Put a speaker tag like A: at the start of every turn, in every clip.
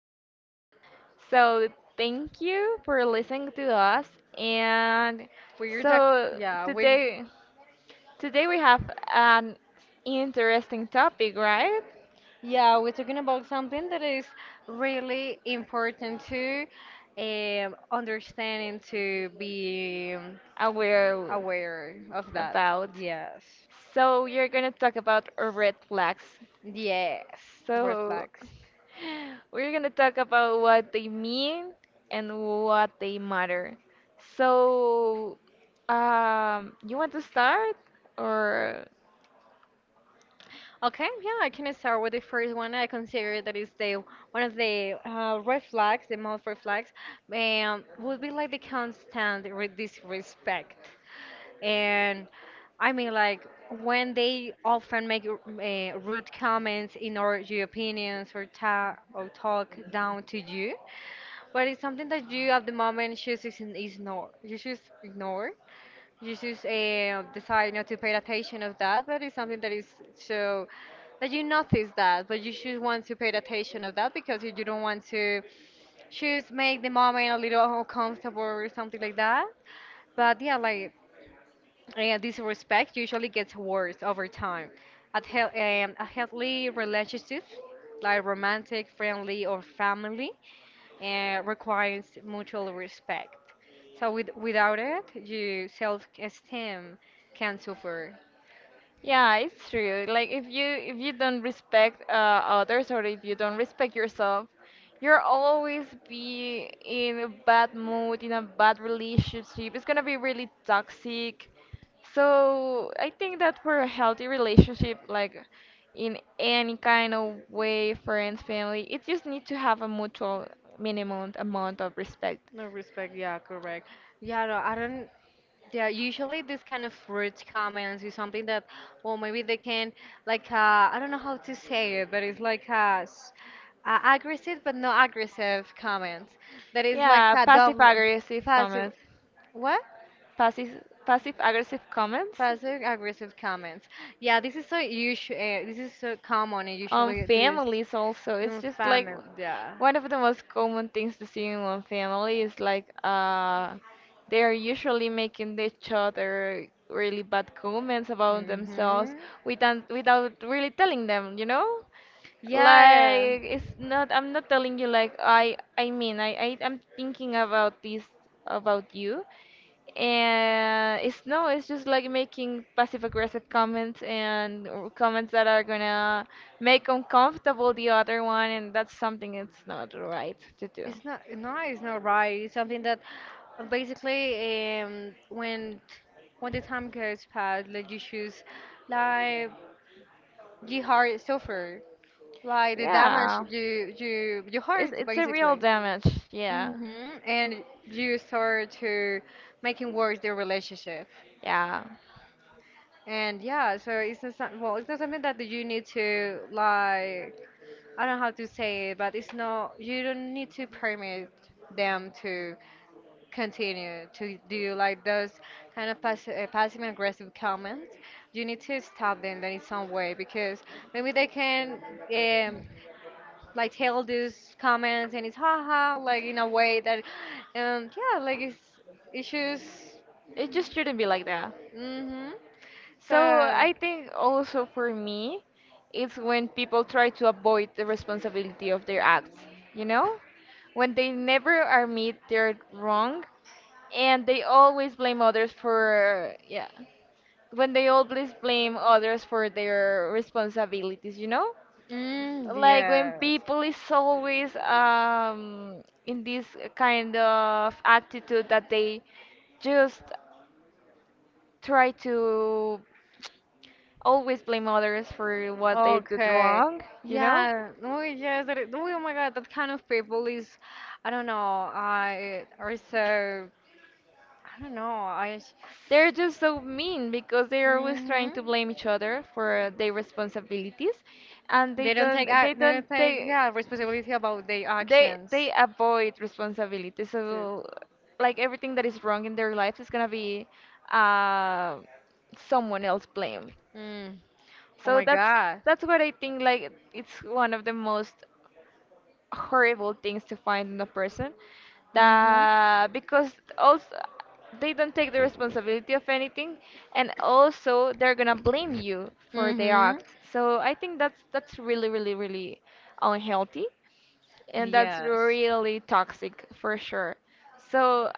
A: Things. So, Thank you for listening to us. And
B: We're talk
A: so
B: yeah, we
A: today today we have an interesting topic, right?
B: yeah, we're talking about something that is really important to understand and to be
A: Aware
B: aware of that.
A: about.
B: Yes.
A: So, you're going to talk about red flags.
B: Yes, red
A: So,
B: flags.
A: we're gonna talk about what they mean and what they matter. So, you want to start or?
B: Okay, yeah, I can start with the first one. I consider that is the one of the red flags, the most red flags, would be like the constant re disrespect. And I mean, like when they often make rude comments in or your opinions or ta or talk down to you, but it's something that you at the moment just is ignore. You just ignore. You just decide not to pay attention of that, but it's something that is so that you notice that, but you just want to pay attention of that because you don't want to just make the moment a little uncomfortable or something like that. But yeah, like disrespect usually gets worse over time. A healthy relationship, like romantic, friendly, or family, requires mutual respect. So without it, your self-esteem can suffer.
A: Yeah, it's true. Like if you don't respect others, or if you don't respect yourself, you'll always be in a bad mood, in a bad relationship. It's gonna be really toxic. So I think that for a healthy relationship, like in any kind of way, friends, family, it just need to have a mutual minimum amount of respect.
B: No respect, yeah, correct. Yeah, no, I don't. Yeah, usually this kind of fruit comments is something that, well, maybe they can, like, I don't know how to say it, but it's like aggressive but not aggressive comments. That is like a double passive, what?
A: Passive passive aggressive comments?
B: Passive aggressive comments. Yeah, this is so usual. This is so common. And
A: On
B: Usually, this
A: families also, it's
B: in
A: just like
B: family.
A: yeah,
B: Yeah.
A: one of the most common things to see in one family is like they're usually making each other really bad comments about themselves
B: Hmm.
A: without really telling them, you know?
B: Yeah,
A: Like it's not I'm not telling you, like I mean, I'm thinking about this about you, and it's no, it's just like making passive aggressive comments and or comments that are gonna make uncomfortable the other one, and that's something it's not right to do.
B: it's not no, it's not right. It's something that basically when the time goes past, like you choose, like your heart suffer, like the damage
A: Yeah.
B: your heart
A: It's a real
B: basically.
A: damage, yeah.
B: Mm-hmm. And you start to making worse the relationship.
A: Yeah.
B: And yeah, so it's not something that you need to like I don't know how to say it, but it's not, you don't need to permit them to continue to do like those kind of passive aggressive comments. You need to stop them then in some way because maybe they can um, like tell these comments and it's haha like in a way that it's issues.
A: It just shouldn't be like that.
B: Mm-hmm.
A: So
B: So
A: I think also for me, it's when people try to avoid the responsibility of their acts, you know? When they never admit they're wrong and they always blame others for, yeah, when they always blame others for their responsibilities, you know?
B: mm,
A: Like when
B: yes.
A: people is always in this kind of attitude that they just try to always blame others for what they did
B: Okay.
A: wrong, you know?
B: Yeah. Oh yes. That is, oh my God. That kind of people is, I don't know. I are so. I don't know. I.
A: They're just so mean because they're always trying
B: Mhm.
A: to blame each other for their responsibilities, and
B: They
A: they
B: don't
A: don't
B: take. They
A: do
B: don't take.
A: take
B: Yeah, responsibility about their
A: they
B: actions.
A: they avoid responsibility.
B: Too.
A: So like everything that is wrong in their lives is gonna be uh someone else blame.
B: Mm. Oh
A: So
B: my
A: that's
B: God.
A: that's what I think, like it's one of the most horrible things to find in a person,
B: Mhm.
A: that because also they don't take the responsibility of anything and also they're gonna blame you for their
B: Mhm.
A: acts. So I think that's really really really unhealthy, and that's
B: Yes.
A: really toxic for sure. So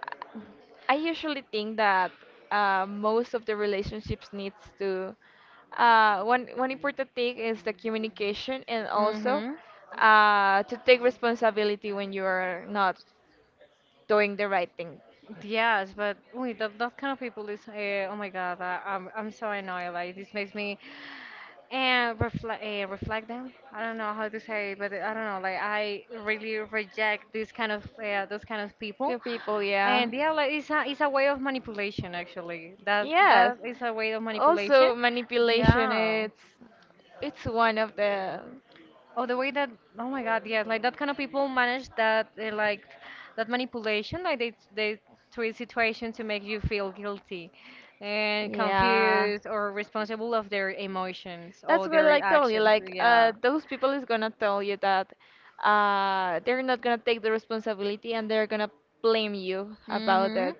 A: I usually think that most of the relationships needs to uh, one important thing is the communication, and also
B: Mhm.
A: to take responsibility when you are not doing the right thing.
B: Yes, but we that, that kind of people is oh my god, I'm so annoyed. Like this makes me and reflect reflect them. I don't know how to say, it, but I don't know. Like I really reject this kind of those kind of people,
A: Good people, yeah.
B: and yeah, like it's a way of manipulation actually. That
A: Yes.
B: that is a way of manipulation.
A: Also, manipulation
B: Yeah.
A: it's one of the
B: Oh, the way that, oh my God, yes, like that kind of people manage that, like that manipulation, like they twist situation to make you feel guilty and
A: yeah.
B: confused or responsible of their emotions
A: That's
B: or
A: what
B: their
A: like told you.
B: actions.
A: Like
B: Yeah.
A: those people is gonna tell you that they're not gonna take the responsibility, and they're gonna blame you about
B: Mm-hmm.
A: it.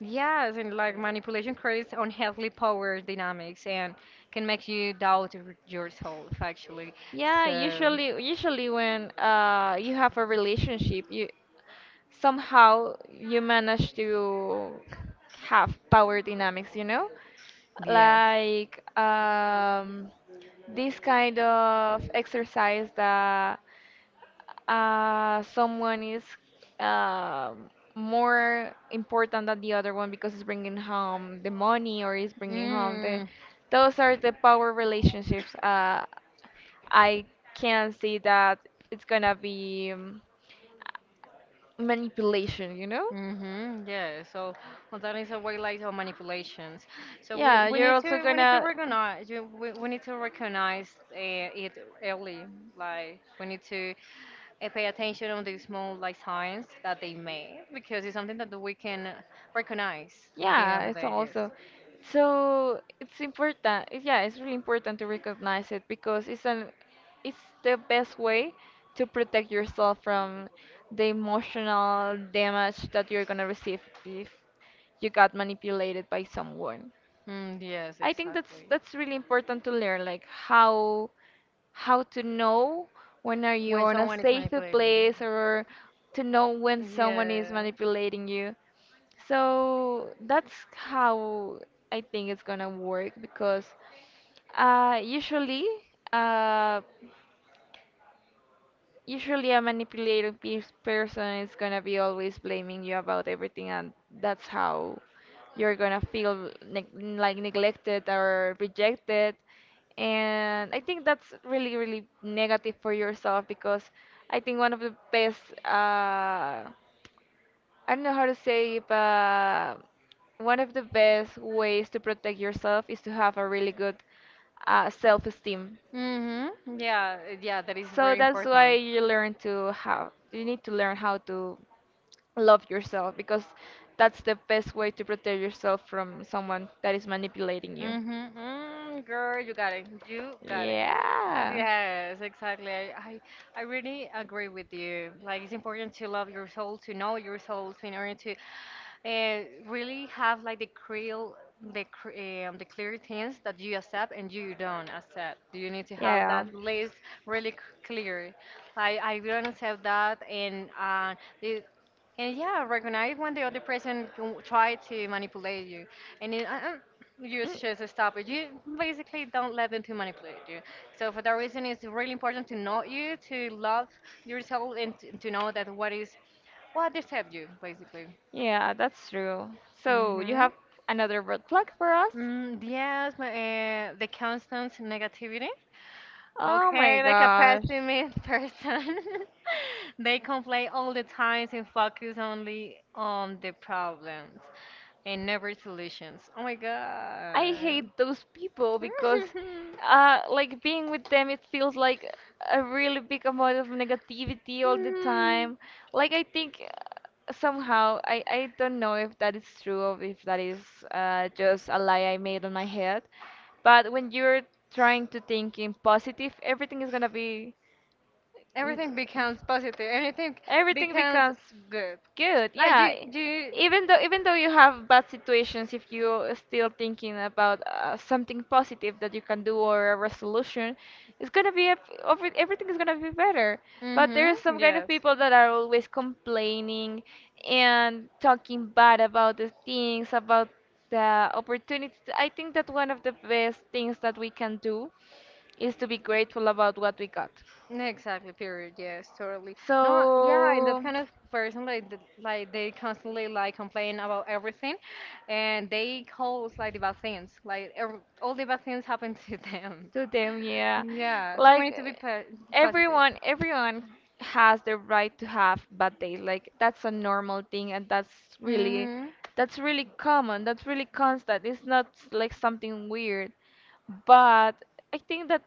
B: Yes, and like manipulation creates unhealthy power dynamics and can make you doubt yourself, actually.
A: Yeah,
B: So,
A: usually when you have a relationship, you somehow you manage to have power dynamics, you know?
B: yes.
A: Like this kind of exercise that someone is um more important than the other one because it's bringing home the money or it's bringing home the
B: Mm.
A: those are the power relationships I can see that it's gonna be manipulation, you know?
B: Mm-hmm, yeah. So well, that is a way like of manipulations. So we,
A: Yeah,
B: we
A: you're
B: need
A: also
B: to we need to
A: gonna.
B: recognize we need to recognize it early. Like we need to pay attention on the small like signs that they make because it's something that we can recognize at the end of
A: Yeah,
B: the
A: it's
B: day. Yes.
A: also. So it's important. It- yeah, it's really important to recognize it because it's an it's the best way to protect yourself from the emotional damage that you're gonna receive if you got manipulated by someone.
B: Mm, yes,
A: I think that's
B: exactly.
A: that's really important to learn, like how to know when are you
B: When
A: on a
B: someone is
A: safe
B: manipulating.
A: place, or to know when someone is
B: Yeah.
A: manipulating you. So that's how I think it's gonna work because uh, usually uh, usually a manipulating pe- person is gonna be always blaming you about everything, and that's how you're gonna feel neg like neglected or rejected. And I think that's really really negative for yourself because I think one of the best I don't know how to say it, but one of the best ways to protect yourself is to have a really good self-esteem.
B: Mm-hmm. Yeah, yeah, that is
A: So
B: very
A: that's why
B: important.
A: you learn to how you need to learn how to love yourself, because that's the best way to protect yourself from someone that is manipulating you.
B: Mm-hmm. Mm, girl, you got it. You got it.
A: Yeah
B: Yes, exactly. I really agree with you. Like, it's important to love your soul, to know your soul, in order to uh, really have like the clear the clear things that you accept and you don't accept. You need to
A: have
B: have
A: yeah.
B: that list really clear. Like I don't accept that, and the, and yeah, recognize when the other person can try to manipulate you, and you just stop it. You basically don't let them to manipulate you. So for that reason, it's really important to know you, to love yourself, and to know that what is what accept you basically.
A: Yeah, that's true. So, you
B: Hmm.
A: have another red flag for us?
B: Mm, yes, my, the constant negativity.
A: Oh my
B: Okay, like a
A: gosh.
B: pessimist person. They complain all the time and focus only on the problems and never solutions. Oh my
A: I
B: God.
A: hate those people because, like being with them, it feels like a really big amount of negativity all the
B: Mm.
A: time. Like I think somehow I don't know if that is true or if that is just a lie I made on my head, but when you're trying to think in positive, everything is gonna be
B: Everything becomes positive. Everything
A: everything
B: becomes
A: becomes.
B: good.
A: Good,
B: Like
A: yeah.
B: you,
A: E-
B: you.
A: even though you have bad situations, if you're still thinking about something positive that you can do or a resolution, it's gonna be a, over, everything is gonna be better. But there is
B: Mm-hmm.
A: some kind of
B: Yes.
A: people that are always complaining and talking bad about the things, about the opportunities. I think that one of the best things that we can do is to be grateful about what we got.
B: Exactly, period. Yes, totally. No,
A: So,
B: yeah, and that kind of person like they constantly like complain about everything and they cause like the bad things. Like ev All the bad things happen to them.
A: to them yeah
B: Yeah, so we
A: like
B: need to be po positive.
A: everyone everyone has the right to have bad days, like that's a normal thing, and really
B: Mm-hmm.
A: that's really common, that's really constant, it's not like something weird. But I think that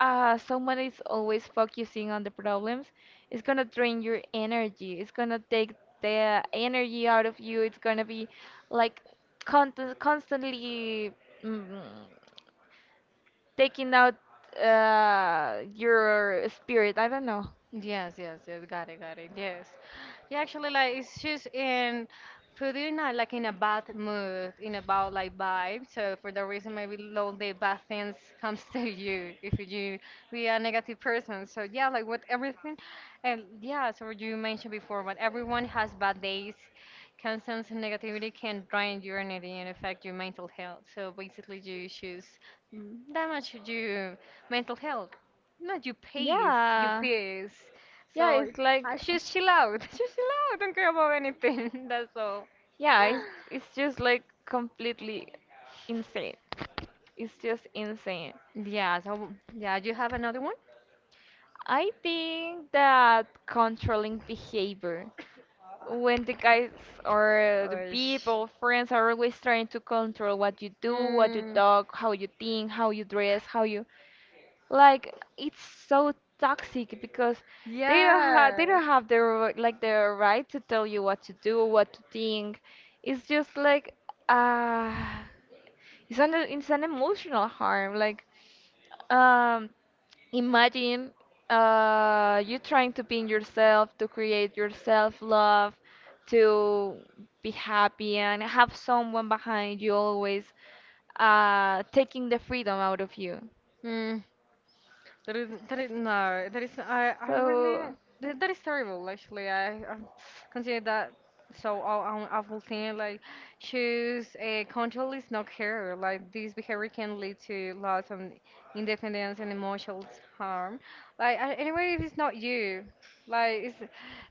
A: someone is always focusing on the problems, it's gonna drain your energy, it's gonna take the energy out of you, it's gonna be like con- constantly mm, taking out your spirit. I don't know.
B: Yes, yes, yes, got it, got it. Yes. Yeah, actually, like it's just in putting like in a bad mood, in a bad like vibe. So for that reason, maybe all the bad things comes to you if you be a negative person. So yeah, like with everything, and yeah, so what you mentioned before, but everyone has bad days. Constant negativity can drain your energy and affect your mental health. So basically, you choose damage your mental health. No, you pays, you
A: Yeah.
B: pays.
A: Yeah,
B: So
A: it's like
B: just chill out, just chill out. Don't care about anything. That's all.
A: yeah, it's just like completely insane. It's just insane.
B: Yeah. So yeah, you have another one?
A: I think that controlling behavior, when the guys or the
B: Or sh-
A: people, friends are always trying to control what you do, what you
B: mm,
A: talk, how you think, how you dress, how you like, it's so toxic because they don't have they
B: yeah.
A: don't have their like their right to tell you what to do, what to think. It's just like uh it's an emotional harm. Like um imagine you trying to be in yourself, to create your self love, to be happy and have someone behind you always taking the freedom out of you.
B: Mhm. That is no. That is I really
A: So
B: that, that is terrible actually. I consider that so awful thing. Like choose a control is not care. Like this behavior can lead to loss of independence and emotional harm. Like anyway, if it's not you, like it's,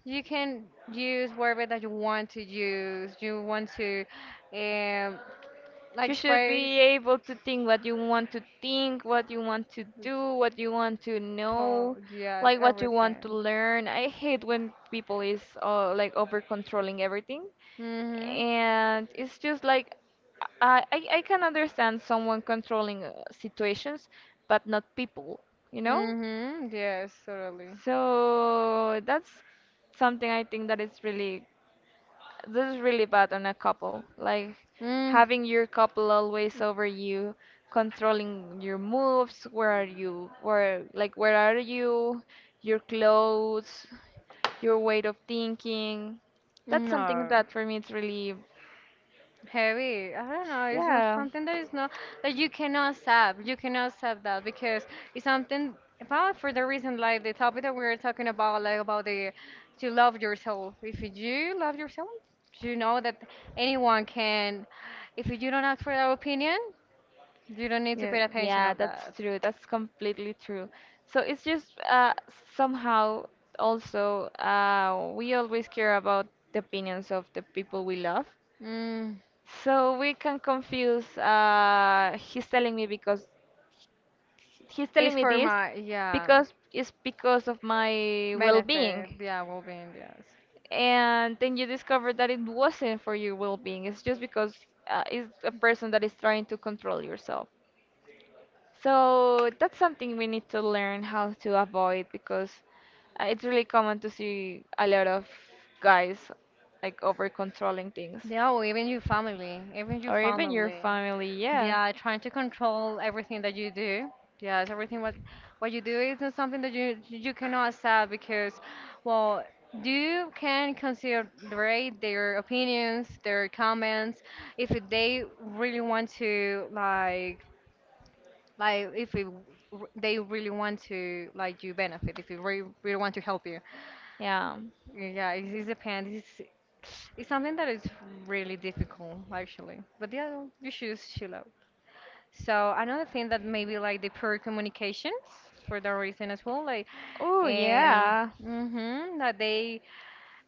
B: you can use whatever that you want to use. You want to. Um, like
A: you should
B: sprayers.
A: be able to think what you want to think, what you want to do, what you want to
B: Tall,
A: know,
B: yes,
A: like what you want to
B: everything.
A: learn. I hate when people is like over controlling everything,
B: Mhm.
A: and it's just like I can understand someone controlling situations, but not people, you know?
B: Mhm. Yes, totally.
A: So that's something I think that is really this is really bad on a couple. Like
B: Mm.
A: having your couple always over you, controlling your moves, where are you, where like where are you, your clothes, your way of thinking. That's something
B: No.
A: that for me it's really
B: Heavy. I don't know. It's not
A: yeah.
B: something that is not that you cannot stop. You cannot stop that because it's something about for the reason like the topic that we are talking about, like about the to love yourself. If you do love yourself, you know that anyone can. If you don't ask for their opinion, you don't need to
A: Yeah,
B: pay attention
A: yeah,
B: of
A: that's
B: that.
A: true. That's completely true. So it's just somehow also we always care about the opinions of the people we love.
B: Mm,
A: So we can confuse. He's telling me because he's telling
B: it's
A: me
B: for
A: this
B: my yeah
A: because it's because of my well-being,
B: benefit. Yeah, well-being. Yes.
A: and then you discover that it wasn't for your well-being. It's just because it's a person that is trying to control yourself. So that's something we need to learn how to avoid because it's really common to see a lot of guys like over controlling things,
B: Yeah, or even your family, even your
A: or even your
B: family.
A: family.
B: They
A: Yeah.
B: are trying to control everything that you do. Yes, everything what you do is not something that you cannot accept because, well, you can consider their opinions, their comments, if they really want to like if it, they really want to like you benefit, if you really, really want to help you.
A: Yeah.
B: Yeah, it's it depends. It's something that is really difficult, actually. But yeah, you should chill out. So another thing that maybe like the poor communications for that reason as well, like,
A: Oh,
B: and
A: yeah.
B: hmm that they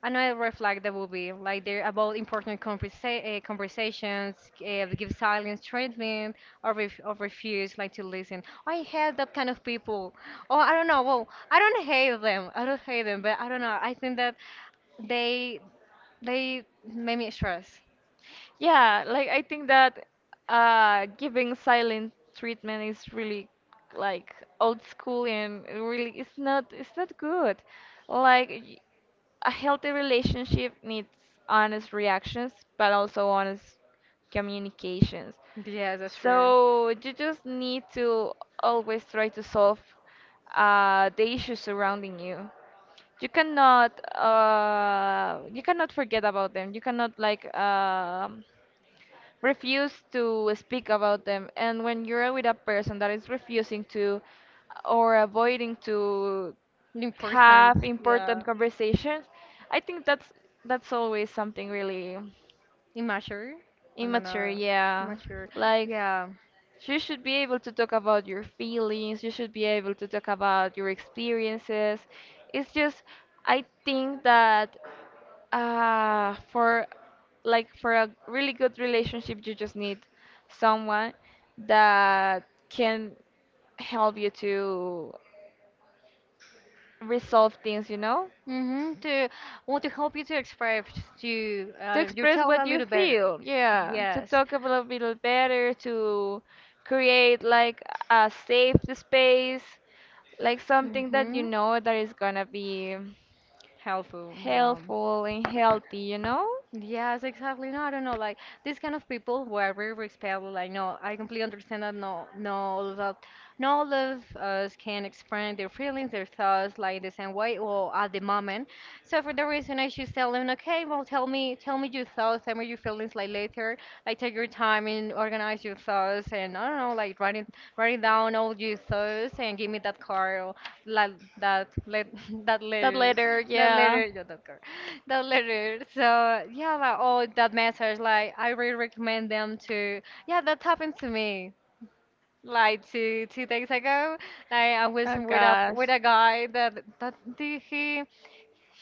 B: another red flag that will be like they're about important conversations, give silence treatment, or refuse like to listen. "Oh, I hate that kind of people. Oh, I don't know. Well, I don't hate them. I don't hate them, but I don't know. I think that they they made me stress.
A: Yeah, like I think that giving silent treatment is really like old school, and really it's not good. Like y- a healthy relationship needs honest reactions, but also honest communications.
B: Yeah, that's true.
A: So you just need to always try to solve the issues surrounding you. You cannot you cannot forget about them, you cannot like refuse to speak about them. And when you're with a person that is refusing to or avoiding to
B: Important.
A: have
B: Yeah.
A: important conversations, I think that's always something really
B: Immature. I don't
A: immature,
B: know.
A: yeah.
B: Immature.
A: Like,
B: Yeah.
A: you should be able to talk about your feelings, you should be able to talk about your experiences. It's just, I think that for like for a really good relationship, you just need someone that can help you to resolve things, you know?
B: Mm-hmm. To want to help you to express to
A: To express
B: yourself
A: what
B: a
A: you
B: little better.
A: feel, yeah, to
B: Yes.
A: talk a little bit better, to create like a safe space, like something that you
B: Mm-hmm.
A: know that is gonna be
B: Helpful. Yeah.
A: helpful and healthy, you know.
B: Yes, exactly. No, I don't know. Like these kind of people were very respectful. Like, no, I completely understand that. No, no, all of that, no, all of us can express their feelings, their thoughts, like the same way or at the moment. So for the reason, I should tell them, okay, well, tell me your thoughts, tell me your feelings, like later. Like take your time and organize your thoughts and I don't know, like write writing writing down all your thoughts and give me that card, or like that let that
A: That
B: letter,
A: letter,
B: that
A: yeah.
B: letter, not that card, that letter. So yeah, like all that message, like I really recommend them to. Yeah, that happened to me like two days ago. Like I was
A: Oh
B: with a
A: gosh.
B: with a guy that did he.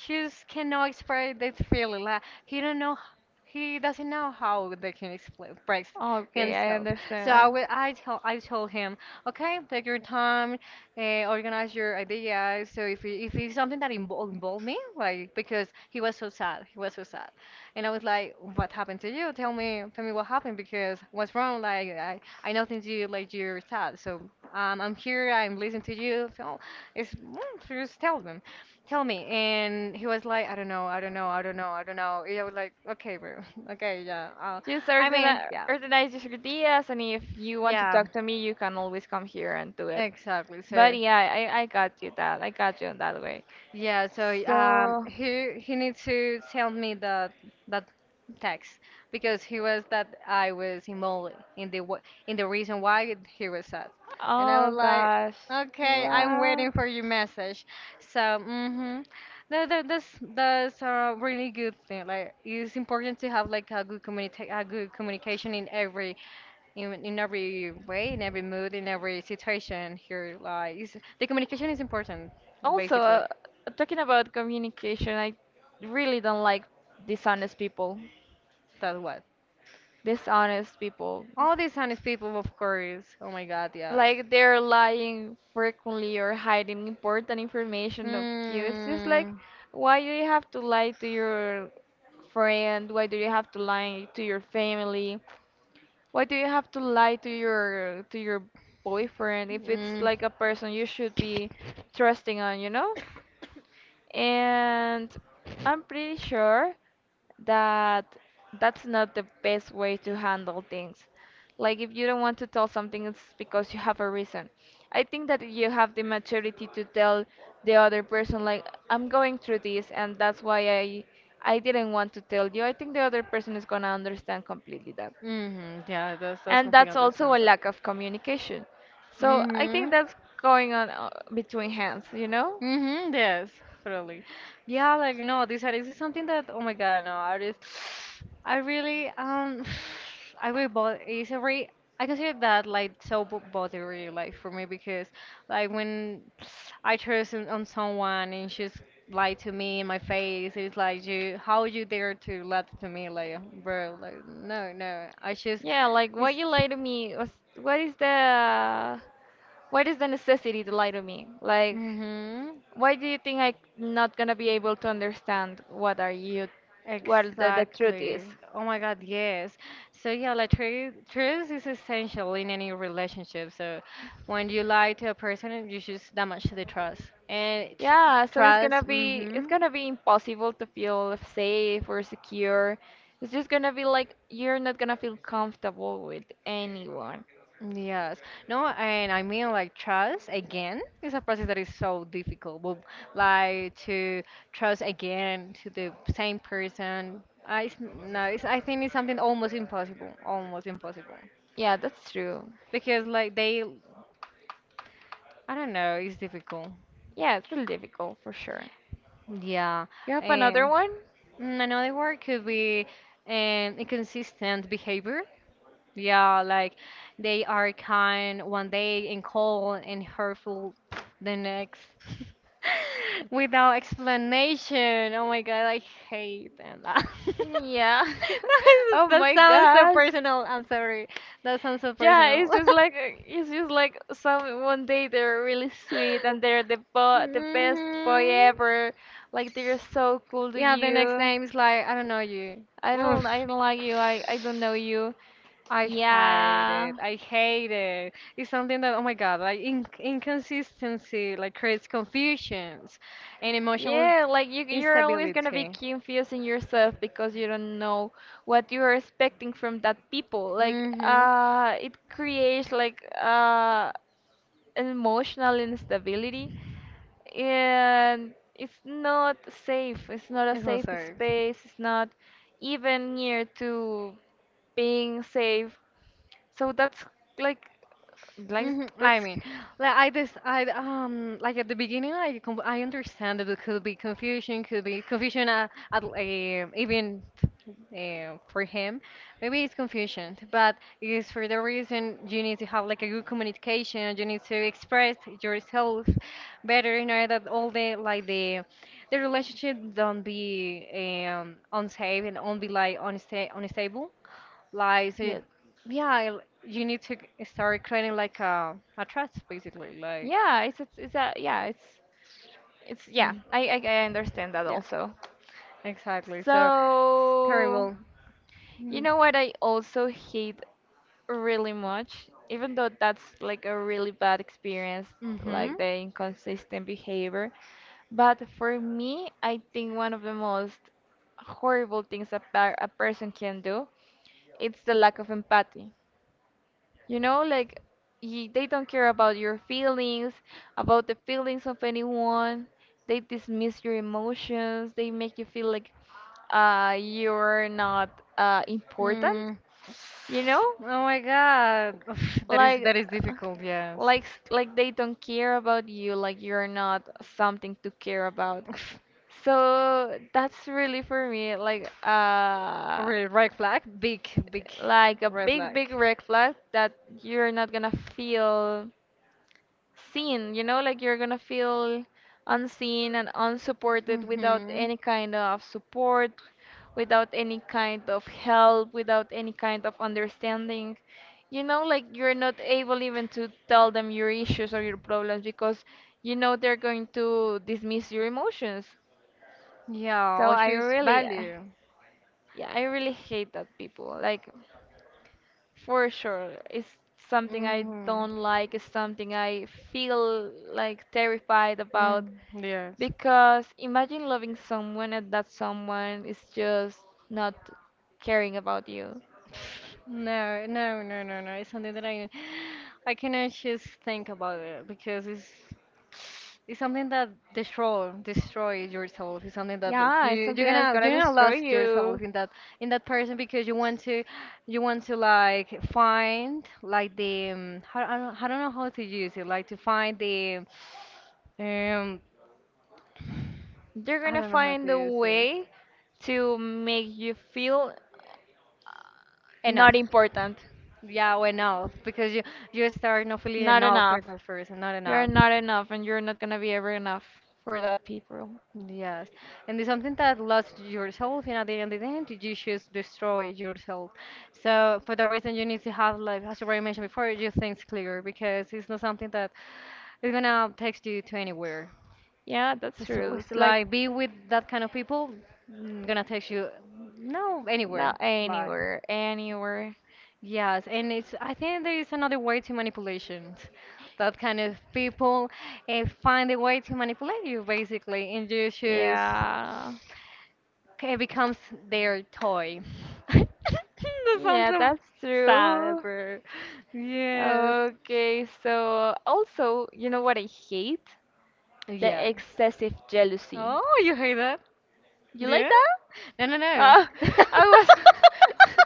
B: She just cannot express that feeling. Like he don't know, he doesn't know how they can express
A: Okay, I
B: himself. So I
A: understand.
B: will, I told him, okay, take your time, organize your ideas. So if it, if it's something that involved me, like because he was so sad, he was so sad, and I was like, what happened to you? Tell me what happened because what's wrong? Like I nothing to you, like you're sad. So I'm here, I'm listening to you. So it's so just tell me. And he was like, I don't know, I don't know, I don't know, I don't know. And I was like, okay, bro, okay, yeah.
A: Just
B: I mean,
A: organi-
B: yeah,
A: organize your ideas, and if you want to
B: yeah,
A: talk to me, you can always come here and do it.
B: exactly.
A: But
B: So.
A: yeah, I got you that. I got you in that way.
B: Yeah, so
A: So,
B: he needs to send me the that text because he was that I was involved in the in the reason why he was sad, and I was
A: oh
B: like,
A: gosh.
B: okay, I'm
A: Wow.
B: waiting for your message. So mm-hmm, that's that's a really good thing. Like it's important to have like a good communica a good communication in every in every way, in every mood, in every situation here lies. The communication is important,
A: Also,
B: basically.
A: talking about communication, I really don't like dishonest people.
B: That's what.
A: Dishonest people.
B: All these honest people, of course. Oh my God, yeah.
A: Like they're lying frequently or hiding important information of you. It's just like,
B: Mm,
A: why do you have to lie to your friend? Why do you have to lie to your family? Why do you have to lie to your boyfriend if it's
B: mm,
A: like a person you should be trusting on, you know? And I'm pretty sure that that's not the best way to handle things. Like if you don't want to tell something, it's because you have a reason. I think that you have the maturity to tell the other person, like I'm going through this, and that's why I didn't want to tell you. I think the other person is gonna understand completely that,
B: yeah, that's
A: and
B: completely
A: that's also a
B: understandable.
A: lack of communication. So I
B: Mm-hmm.
A: think that's going on between hands, you know?
B: Mm-hmm, yes, totally. Yeah, like no, this artist is something that oh my God, no, artist I really I will bother it's a very I consider that like so bothery like for me because like when I trust on someone and she's lied to me in my face, it's like you how you dare to lie to me like bro, like no, no. I just
A: Yeah, like
B: it's
A: what you lie to me was what is the what is the necessity to lie to me? Like,
B: mm-hmm.
A: why do you think I'm not gonna be able to understand what are you, what the truth is?
B: Exactly. Oh my God, yes. So yeah, like truth is essential in any relationship. So when you lie to a person, you just damage the trust. And tr
A: Yeah, so
B: trust,
A: it's
B: mm-hmm.
A: gonna be impossible to feel safe or secure. It's just gonna be like you're not gonna feel comfortable with anyone.
B: Yes. No, and I mean like trust again is a process that is so difficult. But like to trust again to the same person, I it's, no, it's, I think it's something almost impossible, almost impossible.
A: Yeah, that's true.
B: Because like they, I don't know, it's difficult.
A: Yeah, it's really difficult for sure.
B: Yeah.
A: You have another
B: And
A: one?
B: mm, another word could be inconsistent behavior. Yeah, like they are kind one day and cold and hurtful the next. Without explanation. Oh my God, I hate them.
A: Yeah. Oh
B: That
A: my
B: sounds so
A: gosh.
B: personal. I'm sorry. That sounds so
A: Yeah,
B: personal.
A: it's just like some one day they're really sweet and they're the bo the best boy
B: Mhm.
A: ever. Like they're so cool to
B: Yeah, the next
A: you.
B: name is like, I don't know you.
A: I
B: Oof.
A: don't I don't like you. I don't know you.
B: I hate
A: Yeah.
B: it. I hate it. It's something that, oh my God, like in inconsistency, like creates confusions and emotional
A: Yeah, like you're always gonna be
B: instability.
A: confusing yourself because you don't know what you are expecting from that people. Like
B: Mm-hmm.
A: it creates like emotional instability and it's not safe. It's not a
B: It's
A: safe
B: unsafe.
A: space. It's not even near to being safe. So that's like, like
B: Hmm, I
A: that's
B: mean, like I like at the beginning I understand that it could be confusion at even for him. Maybe it's confusion, but it's for the reason you need to have like a good communication. You need to express yourself better in order that all the like the relationship don't be unsafe and don't be like unstable. Like so
A: yeah,
B: yeah, you need to start creating like a trust, basically. Like,
A: yeah. It's a yeah. It's yeah.
B: Mm.
A: I understand that
B: Yeah,
A: also.
B: exactly. So,
A: So
B: terrible.
A: you
B: Mm.
A: know what I also hate really much, even though that's like a really bad experience,
B: Mm-hmm.
A: like the inconsistent behavior. But for me, I think one of the most horrible things a person can do, it's the lack of empathy. You know, like y they don't care about your feelings, about the feelings of anyone. They dismiss your emotions. They make you feel like you're not important,
B: Mm.
A: you know?
B: Oh my God,
A: Like,
B: that is
A: uh,
B: difficult. Yes.
A: like they don't care about you like you're not something to care about so that's really for me
B: Really, red flag, big, big
A: like a
B: red
A: big
B: flag.
A: big red flag that you're not gonna feel seen, you know, like you're gonna feel unseen and unsupported without
B: Mm-hmm.
A: any kind of support, without any kind of help, without any kind of understanding. You know, like you're not able even to tell them your issues or your problems because you know they're going to dismiss your emotions. So
B: Yeah, or
A: I
B: choose
A: really,
B: value.
A: yeah, I really hate that people. Like, for sure, it's something I
B: Mm-hmm.
A: don't like, it's something I feel like terrified about
B: Mm, yes.
A: because imagine loving someone and that someone is just not caring about you.
B: No, no, no, no, no. It's something that I cannot just think about it because it's something that destroys yourself. It's something that
A: Yeah, it's something that's gonna
B: you're gonna
A: destroy
B: lose yourself
A: you.
B: in that person because you want to like find like the how, I don't know how to use it like to find the um
A: They're
B: I
A: gonna
B: don't know how
A: find
B: to
A: a
B: use it
A: way to make you feel not
B: enough.
A: important,
B: Yeah, well, enough because you start not feeling
A: not
B: enough for
A: enough.
B: that person, not
A: You're
B: enough.
A: not enough, and you're not gonna be ever enough for that people.
B: Yes, and it's something that lost yourself, and at the end of the day, you just destroy yourself. So for that reason, you need to have, like, as you already mentioned before, your things clear because it's not something that is gonna take you to anywhere.
A: Yeah, that's
B: So
A: true.
B: it's
A: It's like
B: like be with that kind of people, mm, gonna take you no
A: not
B: anywhere. Like
A: anywhere, anywhere.
B: yes, and it's I think there is another way to manipulation. That kind of people find a way to manipulate you basically, and you just
A: Yeah,
B: it becomes their toy. That sounds
A: yeah,
B: so
A: that's
B: sad,
A: true.
B: bro. Yes.
A: Okay, so also, you know what I hate?
B: Yeah.
A: The excessive jealousy.
B: Oh, you heard that?
A: You like
B: Yeah?
A: that?
B: No, no, no.
A: Uh, I was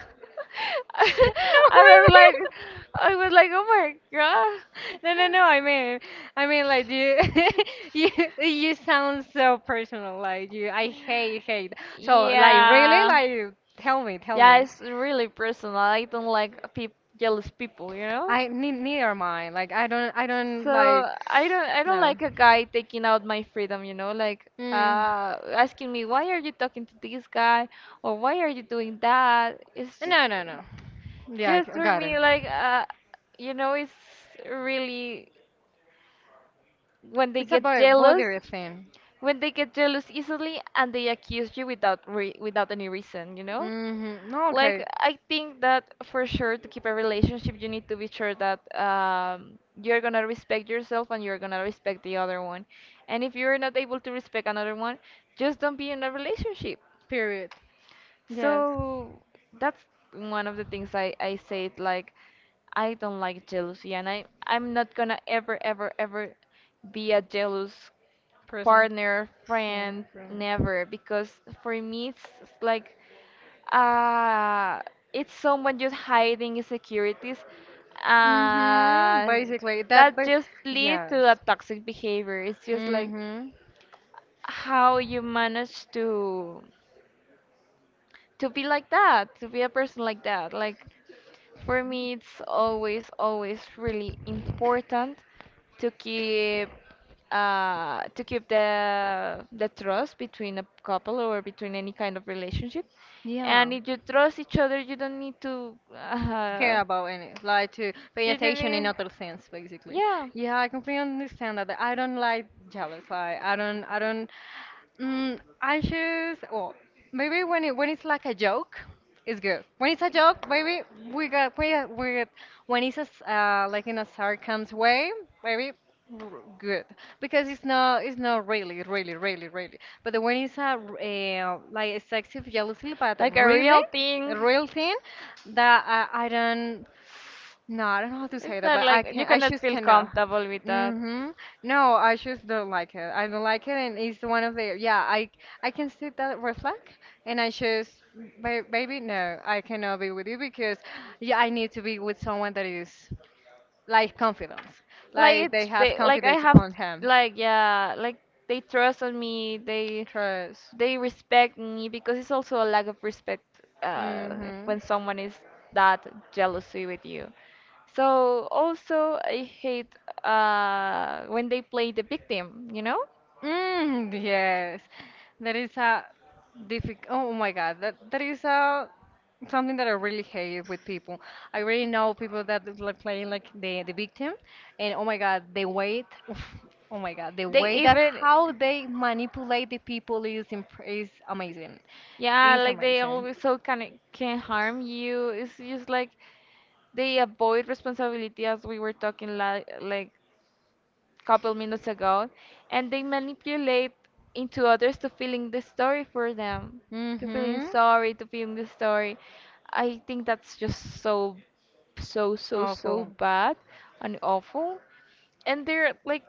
B: No,
A: I
B: I
A: was like
B: mean.
A: oh my god.
B: No, no, no. I mean, like you, you, you sound so personal. Like you, I hate, hate. So, like, really,
A: Yeah.
B: like, tell me, tell
A: Yeah,
B: me.
A: it's really personal. I don't like peop jealous people, you know?
B: I need neither mine. Like, I don't
A: So
B: like.
A: I don't
B: No.
A: like a guy taking out my freedom, you know, like
B: Mm.
A: asking me why are you talking to this guy or why are you doing that? It's just
B: No, no, no. Yeah,
A: Just
B: I
A: for
B: got it.
A: me, like, you know, it's really when they
B: It's
A: get
B: about
A: jealous,
B: body thing.
A: when they get jealous easily and they accuse you without re without any reason, you know?
B: Mm-hmm. No,
A: Like,
B: okay.
A: I think that for sure to keep a relationship, you need to be sure that you're gonna respect yourself and you're gonna respect the other one. And if you're not able to respect another one, just don't be in a relationship.
B: Period. Yes.
A: So that's one of the things I said like I don't like jealousy and I'm not gonna ever ever ever be a jealous
B: Person.
A: partner,
B: Oh,
A: friend,
B: okay.
A: never because for me it's like uh it's someone just hiding insecurities
B: Mm-hmm.
A: uh
B: Basically, that.
A: that
B: But
A: just lead
B: yes.
A: to a toxic behavior. It's just like
B: Mm-hmm.
A: how you manage to be like that, to be a person like that. Like for me, it's always, always really important to keep to keep the trust between a couple or between any kind of relationship.
B: Yeah.
A: And if you trust each other, you don't need to.
B: Care about any like to pay
A: You don't
B: attention in
A: need.
B: other sense, basically.
A: Yeah.
B: Yeah, I completely understand that. I don't like jealous. Like I don't. I don't. Mm, anxious, or maybe when it when it's like a joke, it's good. When it's a joke, maybe we got when it's a, like in a sarcasm way, maybe good because it's not really really really really. But the when it's a like a sexy jealousy, but
A: Like a
B: really
A: real
B: a
A: thing.
B: real thing that I don't no, I don't know how to say
A: It's
B: that,
A: not
B: but I
A: like
B: can.
A: you
B: I
A: cannot
B: just
A: feel
B: cannot.
A: comfortable with that.
B: Mm-hmm. No, I just don't like it. I don't like it, and it's one of the. Yeah, I can see that reflect, and I just, baby, no, I cannot be with you because, yeah, I need to be with someone that is like confidence,
A: Like they
B: like they
A: it's
B: have
A: they like I
B: confidence
A: have
B: on him,
A: like yeah like they trust on me.
B: trust.
A: They respect me because it's also a lack of respect
B: Mm-hmm.
A: when someone is that jealousy with you. So also I hate when they play the victim, you know?
B: Mm, yes, that is a difficult. Oh my God, that is a something that I really hate with people. I really know people that is like playing like the victim, and oh my God, the way, oh my God, the
A: They
B: way that
A: even
B: how they manipulate the people is is amazing.
A: yeah,
B: It's
A: like they
B: amazing.
A: always so can harm you. It's just like they avoid responsibility as we were talking like couple minutes ago and they manipulate into others to feeling the story for them to feeling
B: Mm-hmm.
A: sorry to feeling the story. I think that's just so so so
B: Awful.
A: bad and awful. And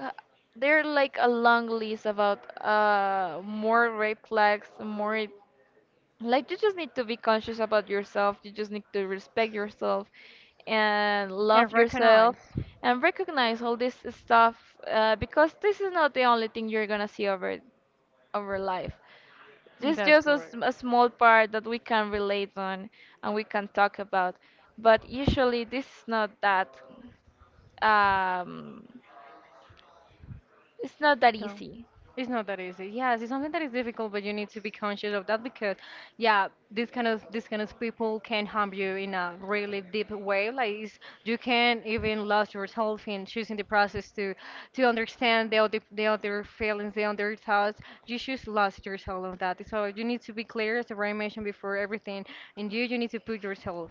A: uh, they're like a long list about more red flags, more like you just need to be conscious about yourself, you just need to respect yourself and
B: And
A: love yourself
B: recognize.
A: and recognize all this stuff, because this is not the only thing you're gonna see over over life. This is
B: That's
A: just
B: correct.
A: a small part that we can relate on and we can talk about, but usually this is not that um, it's not that
B: No.
A: easy.
B: It's not that easy. Yes, it's something that is difficult, but you need to be conscious of that because, yeah, this kind of people can harm you in a really deep way. Like it's, you can even lose yourself in choosing the process to understand the other feelings, the other thoughts. You just lost yourself on that. So you need to be clear, as I mentioned before, everything in you. You need to put yourself.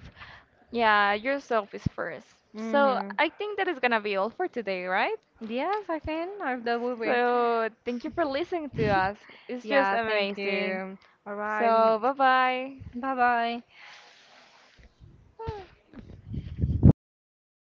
A: Yeah, yourself is first. So
B: Mm-hmm.
A: I think that is gonna be all for today, right?
B: Yes, I can. I, that will be.
A: So, thank you for listening to us. It's just
B: Yeah, thank
A: amazing.
B: you. All right.
A: So, bye bye.
B: Bye bye.